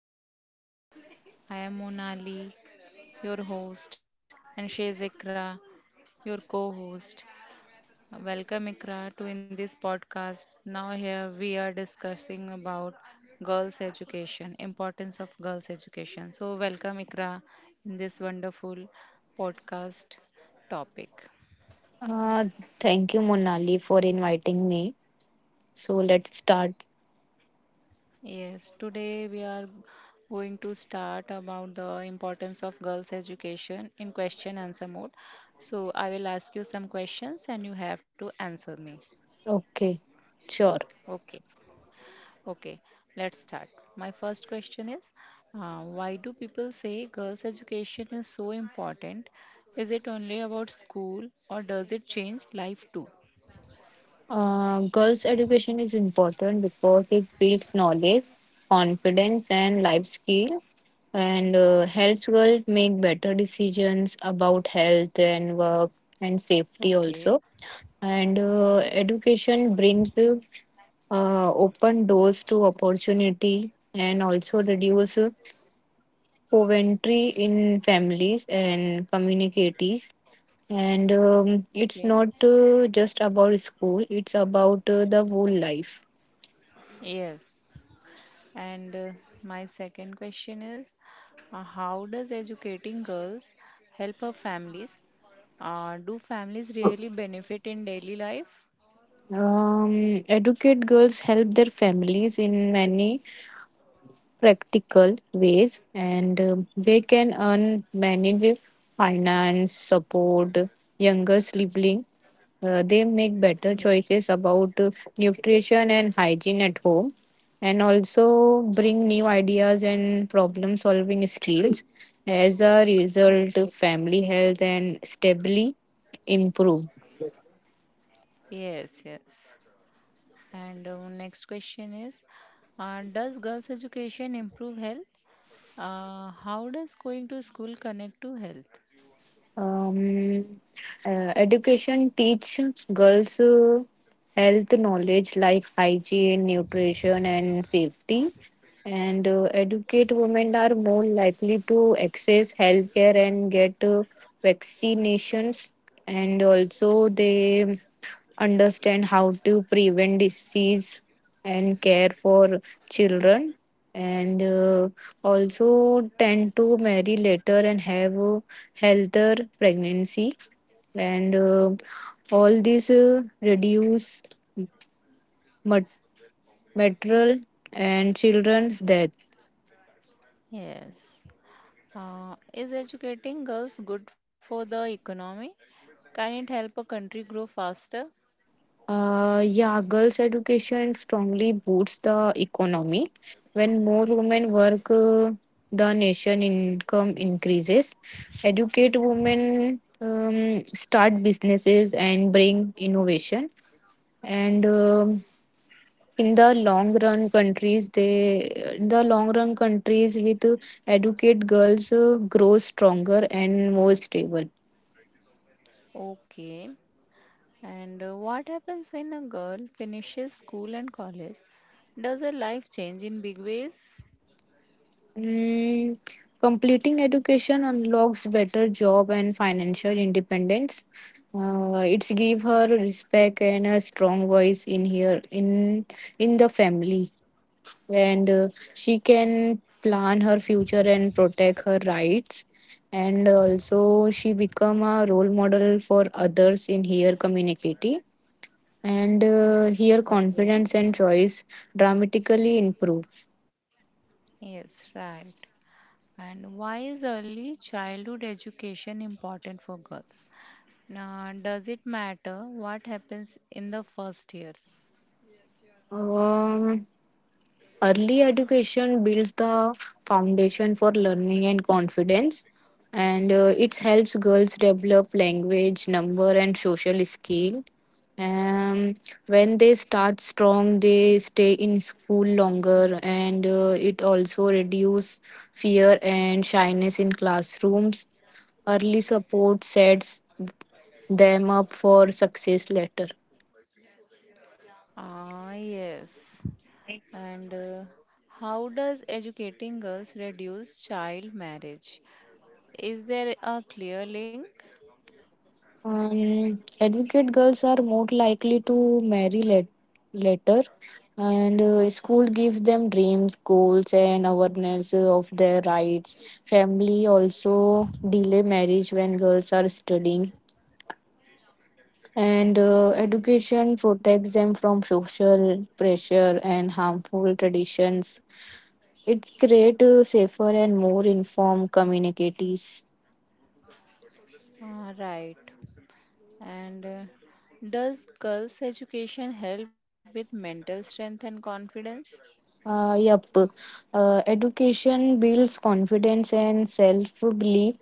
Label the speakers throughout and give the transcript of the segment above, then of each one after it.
Speaker 1: Hello everyone. I am Monali, your host, and she is Ikra, your co-host. Welcome Ikra to in this podcast. Now here we are discussing about girls education, importance of girls education. So welcome Ikra in this wonderful podcast topic.
Speaker 2: Uh, Thank you, Monali, for inviting me. So let's start.
Speaker 1: Yes, today we are going to start about the importance of girls' education in question answer mode. So I will ask you some questions and you have to answer me.
Speaker 2: Okay, sure.
Speaker 1: Okay, okay, let's start. My first question is why do people say girls' education is so important? Is it only about school or does it change life too?
Speaker 2: Girls' education is important because it builds knowledge, confidence, and life skill, and helps girls make better decisions about health and work and safety
Speaker 1: Okay,
Speaker 2: also. And education brings open doors to opportunity and also reduce Coventry in families and communities. And it's
Speaker 1: okay,
Speaker 2: not just about school, it's about the whole life.
Speaker 1: yes. And My second question is how does educating girls help our families? Do families really benefit in daily life?
Speaker 2: Educate girls help their families in many practical ways, and they can earn, manage finance, support younger sibling. They make
Speaker 1: Yeah.
Speaker 2: better choices about nutrition and hygiene at home, and also bring new ideas and problem solving skills. As a result,
Speaker 1: Okay.
Speaker 2: family health and stably improve.
Speaker 1: Yes, yes. And Next question is does girls' education improve health? How does going to school connect to health?
Speaker 2: Um, Education teach girls health knowledge like hygiene, nutrition, and safety, and educate women are more likely to access healthcare and get vaccinations. And also they understand how to prevent disease and care for children, and also tend to marry later and have a healthier pregnancy. And all these reduce mat- maternal and children's death.
Speaker 1: Yes. Is educating girls good for the economy? Can it help a country grow faster?
Speaker 2: Yeah, girls' education strongly boosts the economy. When more women work, the nation income increases. Educate women, start businesses and bring innovation. And in the long run, countries they In the long run, countries with educate girls grow stronger and more stable.
Speaker 1: Okay. And What happens when a girl finishes school and college? Does her life change in big ways?
Speaker 2: Mm, completing education unlocks better job and financial independence. It's give her respect and a strong voice in in the family, and she can plan her future and protect her rights. And also, she become a role model for others in her community, and her
Speaker 1: Okay.
Speaker 2: confidence and choice dramatically improve.
Speaker 1: Yes, right. And why is early childhood education important for girls? Now, does it matter what happens in the first years?
Speaker 2: Um, Early education builds the foundation for learning and confidence, and it helps girls develop language, number, and social skill. Um, when they start strong, they stay in school longer, and it also reduces fear and shyness in classrooms. Early support sets them up for success later.
Speaker 1: Ah, yes. And How does educating girls reduce child marriage? Is there a clear link?
Speaker 2: Educate girls are more likely to marry later, and school gives them dreams, goals, and awareness of their rights. Family also delay marriage when girls are studying, and education protects them from social pressure and harmful traditions. It creates safer and more informed communities.
Speaker 1: Ah, right. And Does girls' education help with mental strength and confidence?
Speaker 2: Yep. Education builds confidence and self belief.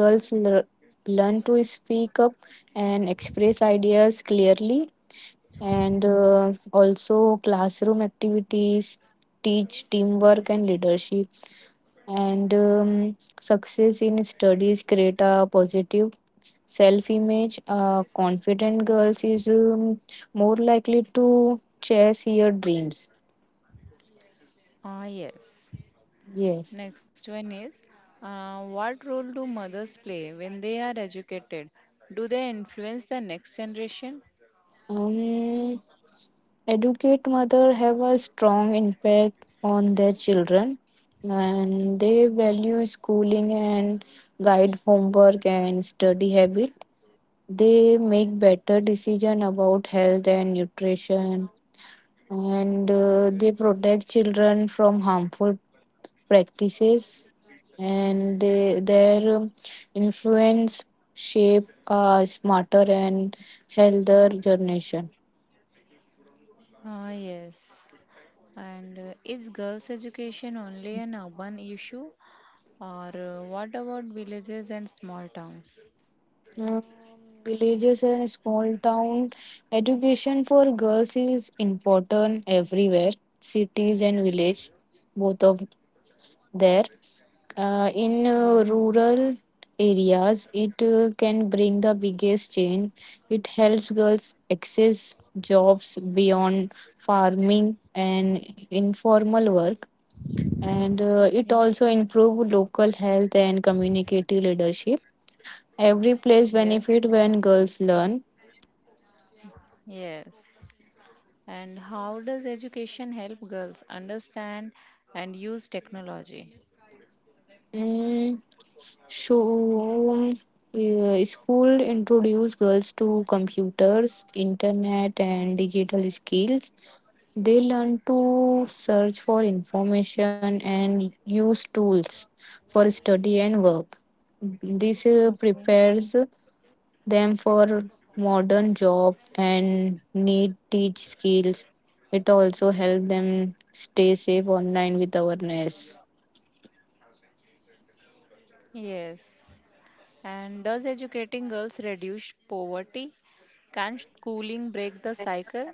Speaker 2: Girls learn to speak up and express ideas clearly, and also classroom activities teach teamwork and leadership. And success in studies create a positive self image. Confident girls is more likely to chase your dreams.
Speaker 1: Ah, yes.
Speaker 2: Yes.
Speaker 1: Next one is what role do mothers play when they are educated? Do they influence the next generation?
Speaker 2: Um, Educate mother have a strong impact on their children, and they value schooling and guide homework and study habit. They make better decision about health and nutrition, and they protect children from harmful practices, and their influence shape a smarter and healthier generation.
Speaker 1: Ah, yes. And Is girls' education only an urban issue, or what about villages and small towns?
Speaker 2: Um, Villages and small town, education for girls is important everywhere. Cities and village, both of there, uh, in
Speaker 1: Yes.
Speaker 2: uh, rural areas it can bring the biggest change. It helps girls access jobs beyond farming and informal work, and it
Speaker 1: Okay,
Speaker 2: also improve local health and community leadership. Every place
Speaker 1: yes,
Speaker 2: benefit when girls learn.
Speaker 1: yes. And how does education help girls understand and use technology?
Speaker 2: Mm, so, school introduce girls to computers, internet, and digital skills. They learn to search for information and use tools for study and work. This
Speaker 1: Okay.
Speaker 2: prepares them for modern job and need teach skills. It also help them stay safe online with awareness.
Speaker 1: Yes. And does educating girls reduce poverty? Can schooling break the cycle?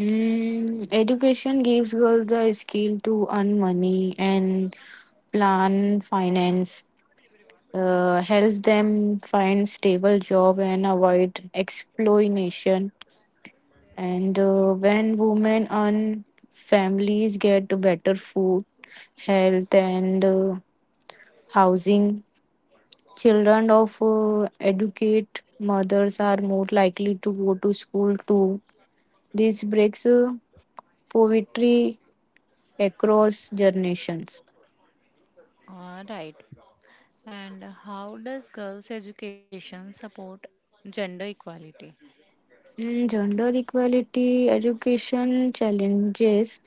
Speaker 2: Mm, education gives girls the skill to earn money and plan finance. Helps them find stable job and avoid exploitation. And when women earn, families get better food, health, and housing. Children of educate mothers are more likely to go to school too. This breaks poverty across generations.
Speaker 1: All right. And how does girls' education support gender equality?
Speaker 2: Mm, gender equality education challenges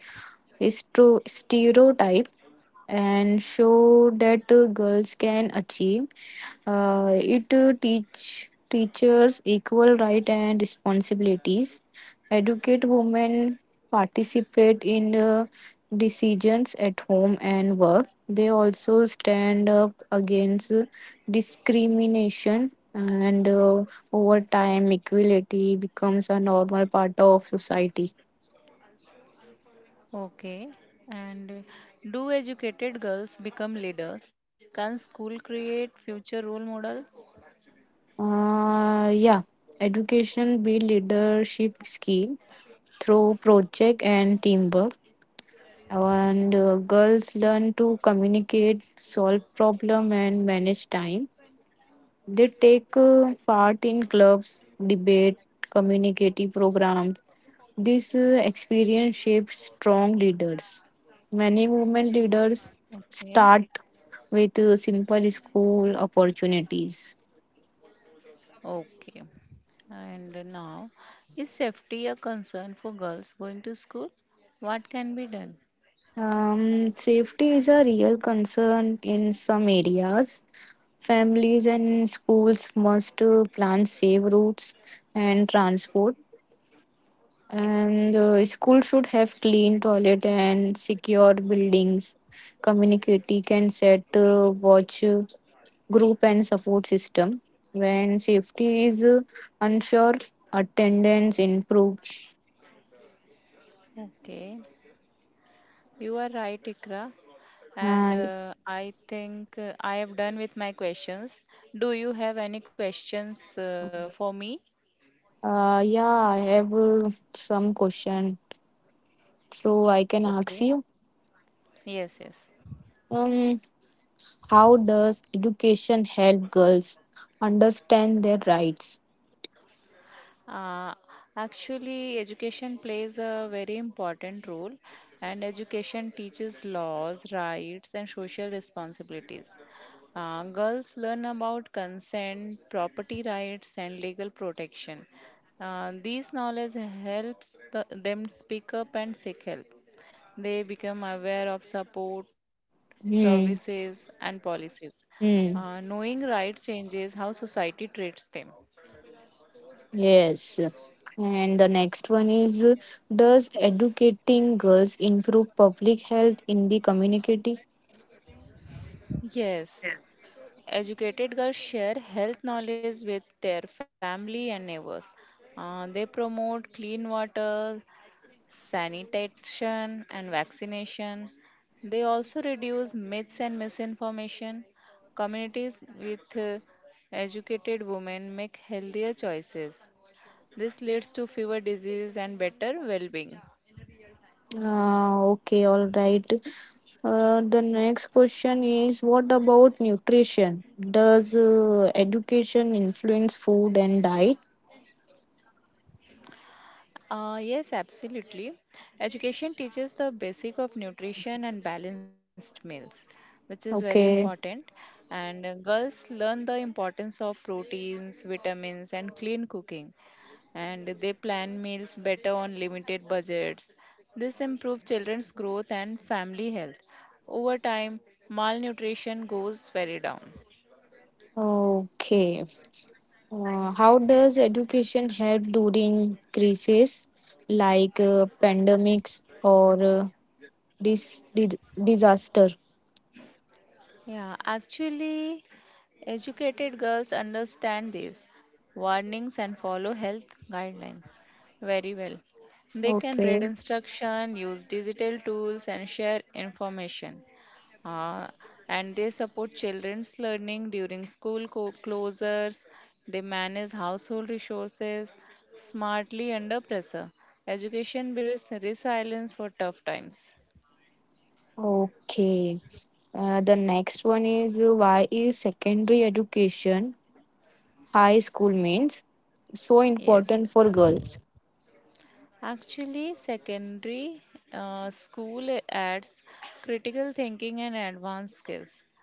Speaker 2: is to stereotype and show that girls can achieve. It teach teachers equal right and responsibilities. Educate women participate in decisions at home and work. They also stand up against discrimination, and over time equality becomes a normal part of society.
Speaker 1: Okay. And do educated girls become leaders? Can school create future role models?
Speaker 2: Yeah, education build leadership skill through project and teamwork, and girls learn to communicate, solve problem, and manage time. They take part in clubs, debate, community programs. This experience shapes strong leaders. Many women leaders
Speaker 1: Okay.
Speaker 2: start with simple school opportunities.
Speaker 1: Okay. And now, is safety a concern for girls going to school? What can be done?
Speaker 2: Safety is a real concern in some areas. Families and schools must plan safe routes and transport, and schools should have clean toilet and secure buildings. Community can set watch group and support system. When safety is unsure, attendance improves.
Speaker 1: Okay, you are right, Ikra. And
Speaker 2: Uh,
Speaker 1: I think I have done with my questions. Do you have any questions for me?
Speaker 2: yeah, I have some question, so I can ask
Speaker 1: Okay.
Speaker 2: you.
Speaker 1: Yes, yes.
Speaker 2: um, how does education help girls understand their rights?
Speaker 1: Uh, actually, education plays a very important role, and education teaches laws, rights, and social responsibilities. Girls learn about consent, property rights, and legal protection. These knowledge helps them speak up and seek help. They become aware of support,
Speaker 2: Hmm.
Speaker 1: services, and policies.
Speaker 2: Hmm.
Speaker 1: Knowing right changes how society treats them.
Speaker 2: Yes. And the next one is, does educating girls improve public health in the community?
Speaker 1: Yes, educated girls share health knowledge with their family and neighbors. They promote clean water, sanitation, and vaccination. They also reduce myths and misinformation. Communities with educated women make healthier choices. This leads to fewer diseases and better well being.
Speaker 2: Okay, all right. The next question is, what about nutrition? Does education influence food and diet?
Speaker 1: Yes, absolutely. Education teaches the basic of nutrition and balanced meals, which is very important.
Speaker 2: Okay.
Speaker 1: And Girls learn the importance of proteins, vitamins, and clean cooking. And they plan meals better on limited budgets. This improves children's growth and family health. Over time, malnutrition goes very down.
Speaker 2: Okay. How does education help during crises like pandemics or disaster?
Speaker 1: Yeah, actually, educated girls understand these warnings and follow health guidelines very well. They can read
Speaker 2: Okay,
Speaker 1: instruction, use digital tools, and share information. Uh, and they support children's learning during closures. They manage household resources smartly under pressure. Education builds resilience for tough times.
Speaker 2: okay. The next one is, why is secondary education, high school means, so
Speaker 1: Yes,
Speaker 2: important for
Speaker 1: yes.
Speaker 2: girls?
Speaker 1: Actually, secondary school adds critical thinking and advanced skills.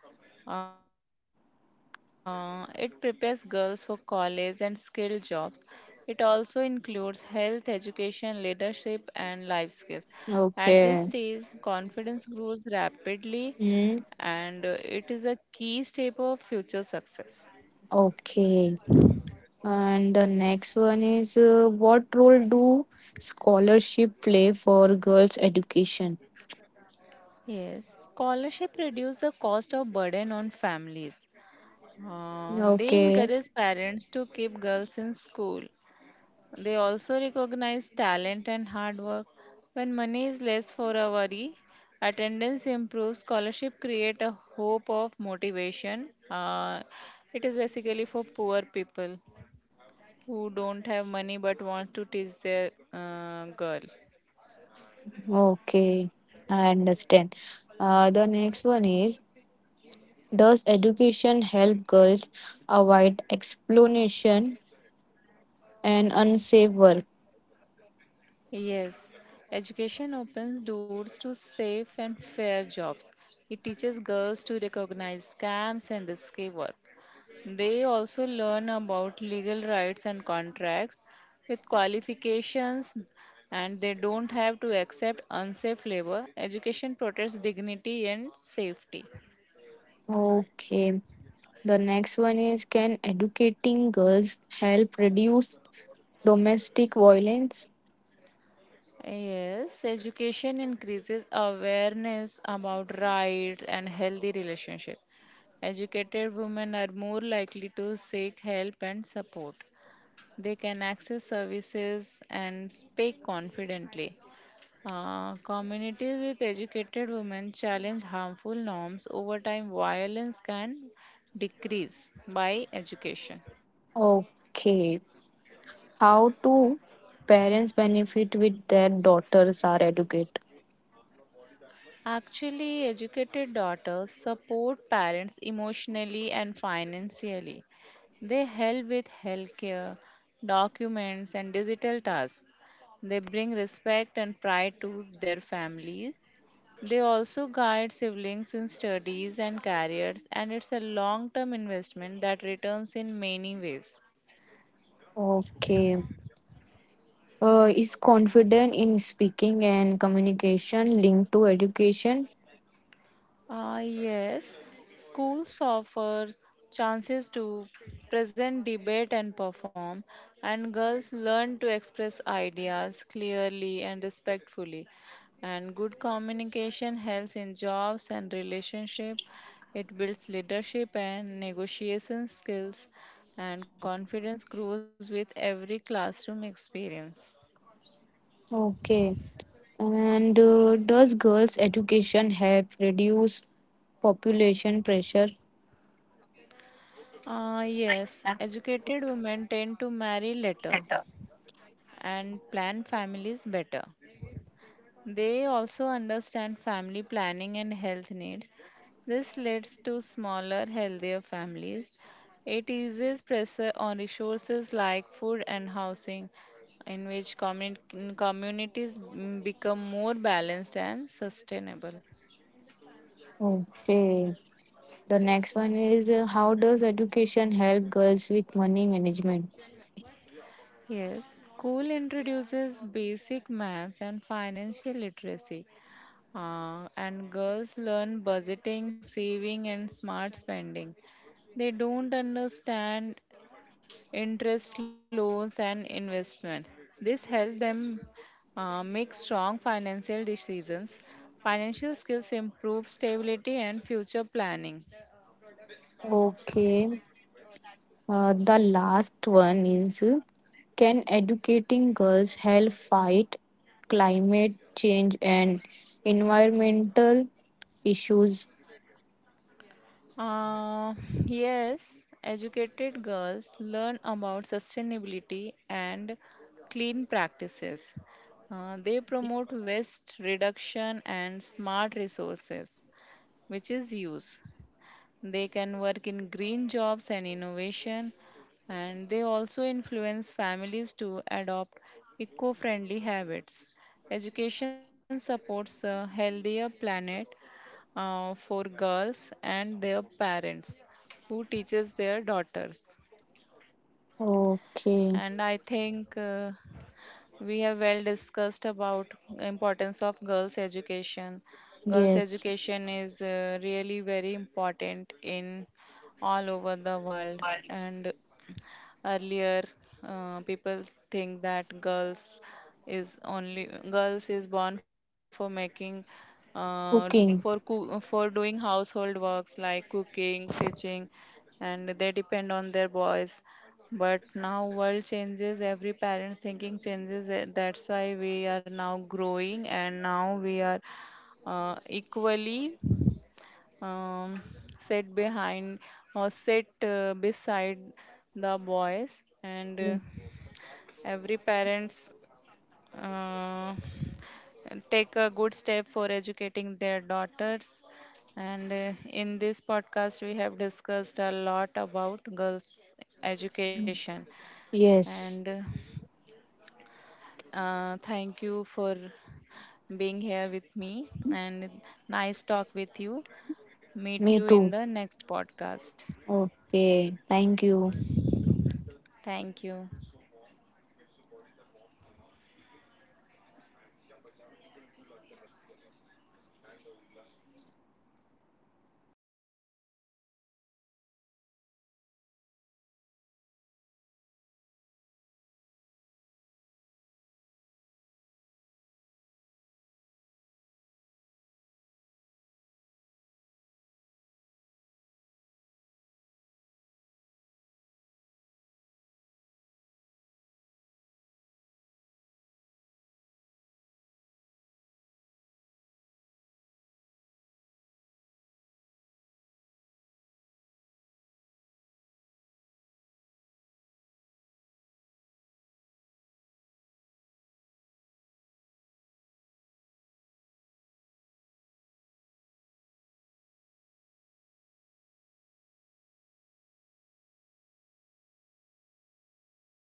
Speaker 1: It prepares girls for college and skilled jobs. It also includes health, education, leadership, and life skills. At this stage,
Speaker 2: Okay.
Speaker 1: confidence grows rapidly
Speaker 2: Hmm.
Speaker 1: and it is a key step of future success.
Speaker 2: Okay. And the next one is, what role do scholarship play for girls' education?
Speaker 1: Yes, scholarship reduce the cost of burden on families. They
Speaker 2: Okay.
Speaker 1: encourage parents to keep girls in school. They also recognize talent and hard work. When money is less for a worry, attendance improves, scholarship create a hope of motivation. It is basically for poor people who don't have money but want to teach their girl.
Speaker 2: Okay, I understand. The next one is, does education help girls avoid exploitation and unsafe work?
Speaker 1: Yes, education opens doors to safe and fair jobs. It teaches girls to recognize scams and risky work. They also learn about legal rights and contracts with qualifications, and they don't have to accept unsafe labor. Education protects dignity and safety.
Speaker 2: Okay, the next one is, can educating girls help reduce domestic violence?
Speaker 1: Yes, education increases awareness about rights and healthy relationships. Educated women are more likely to seek help and support. They can access services and speak confidently. Communities with educated women challenge harmful norms over time. Violence can decrease by education.
Speaker 2: Okay, how do parents benefit with their daughters are educated?
Speaker 1: Actually, educated daughters support parents emotionally and financially. They help with healthcare, documents, and digital tasks. They bring respect and pride to their families. They also guide siblings in studies and careers, and it's a long term investment that returns in many ways.
Speaker 2: Okay. Is confident in speaking and communication linked to education?
Speaker 1: Yes, schools offer chances to present, debate, and perform, and girls learn to express ideas clearly and respectfully. And good communication helps in jobs and relationship. It builds leadership and negotiation skills, and confidence grows with every classroom experience.
Speaker 2: Okay. And does girls' education help reduce population pressure?
Speaker 1: Yes,
Speaker 2: And
Speaker 1: educated women tend to marry later
Speaker 2: better.
Speaker 1: and plan families better. They also understand family planning and health needs. This leads to smaller, healthier families. It eases pressure on resources like food and housing, in which communities become more balanced and sustainable.
Speaker 2: Okay. The next one is, how does education help girls with money management?
Speaker 1: Yes, school introduces basic maths and financial literacy, and girls learn budgeting, saving, and smart spending. They don't understand interest loans and investment. This helps them make strong financial decisions. Financial skills improve stability and future planning.
Speaker 2: Okay. The last one is, can educating girls help fight climate change and environmental issues?
Speaker 1: Uh, yes, educated girls learn about sustainability and clean practices. They promote waste reduction and smart resources, which is use. They can work in green jobs and innovation, and they also influence families to adopt eco friendly habits. Education supports a healthier planet for girls and their parents who teaches their daughters. and i
Speaker 2: Okay.
Speaker 1: think uh, we have well discussed about importance of girls education. Girls
Speaker 2: Yes.
Speaker 1: education is really very important in all over the world. And earlier, people think that girls is born for making uh,
Speaker 2: Cooking.
Speaker 1: for doing household works like cooking, stitching, and they depend on their boys. But now world changes, every parent's thinking changes. That's why we are now growing, and now we are equally um, sat behind or sat beside the boys, and every parents uh, take a good step for educating their daughters. And in this podcast we have discussed a lot about girls education. And
Speaker 2: Yes.
Speaker 1: Thank you for being here with me and nice talk with you. Meet you
Speaker 2: Me
Speaker 1: in
Speaker 2: too.
Speaker 1: the next podcast.
Speaker 2: Okay. Thank you.
Speaker 1: Thank you.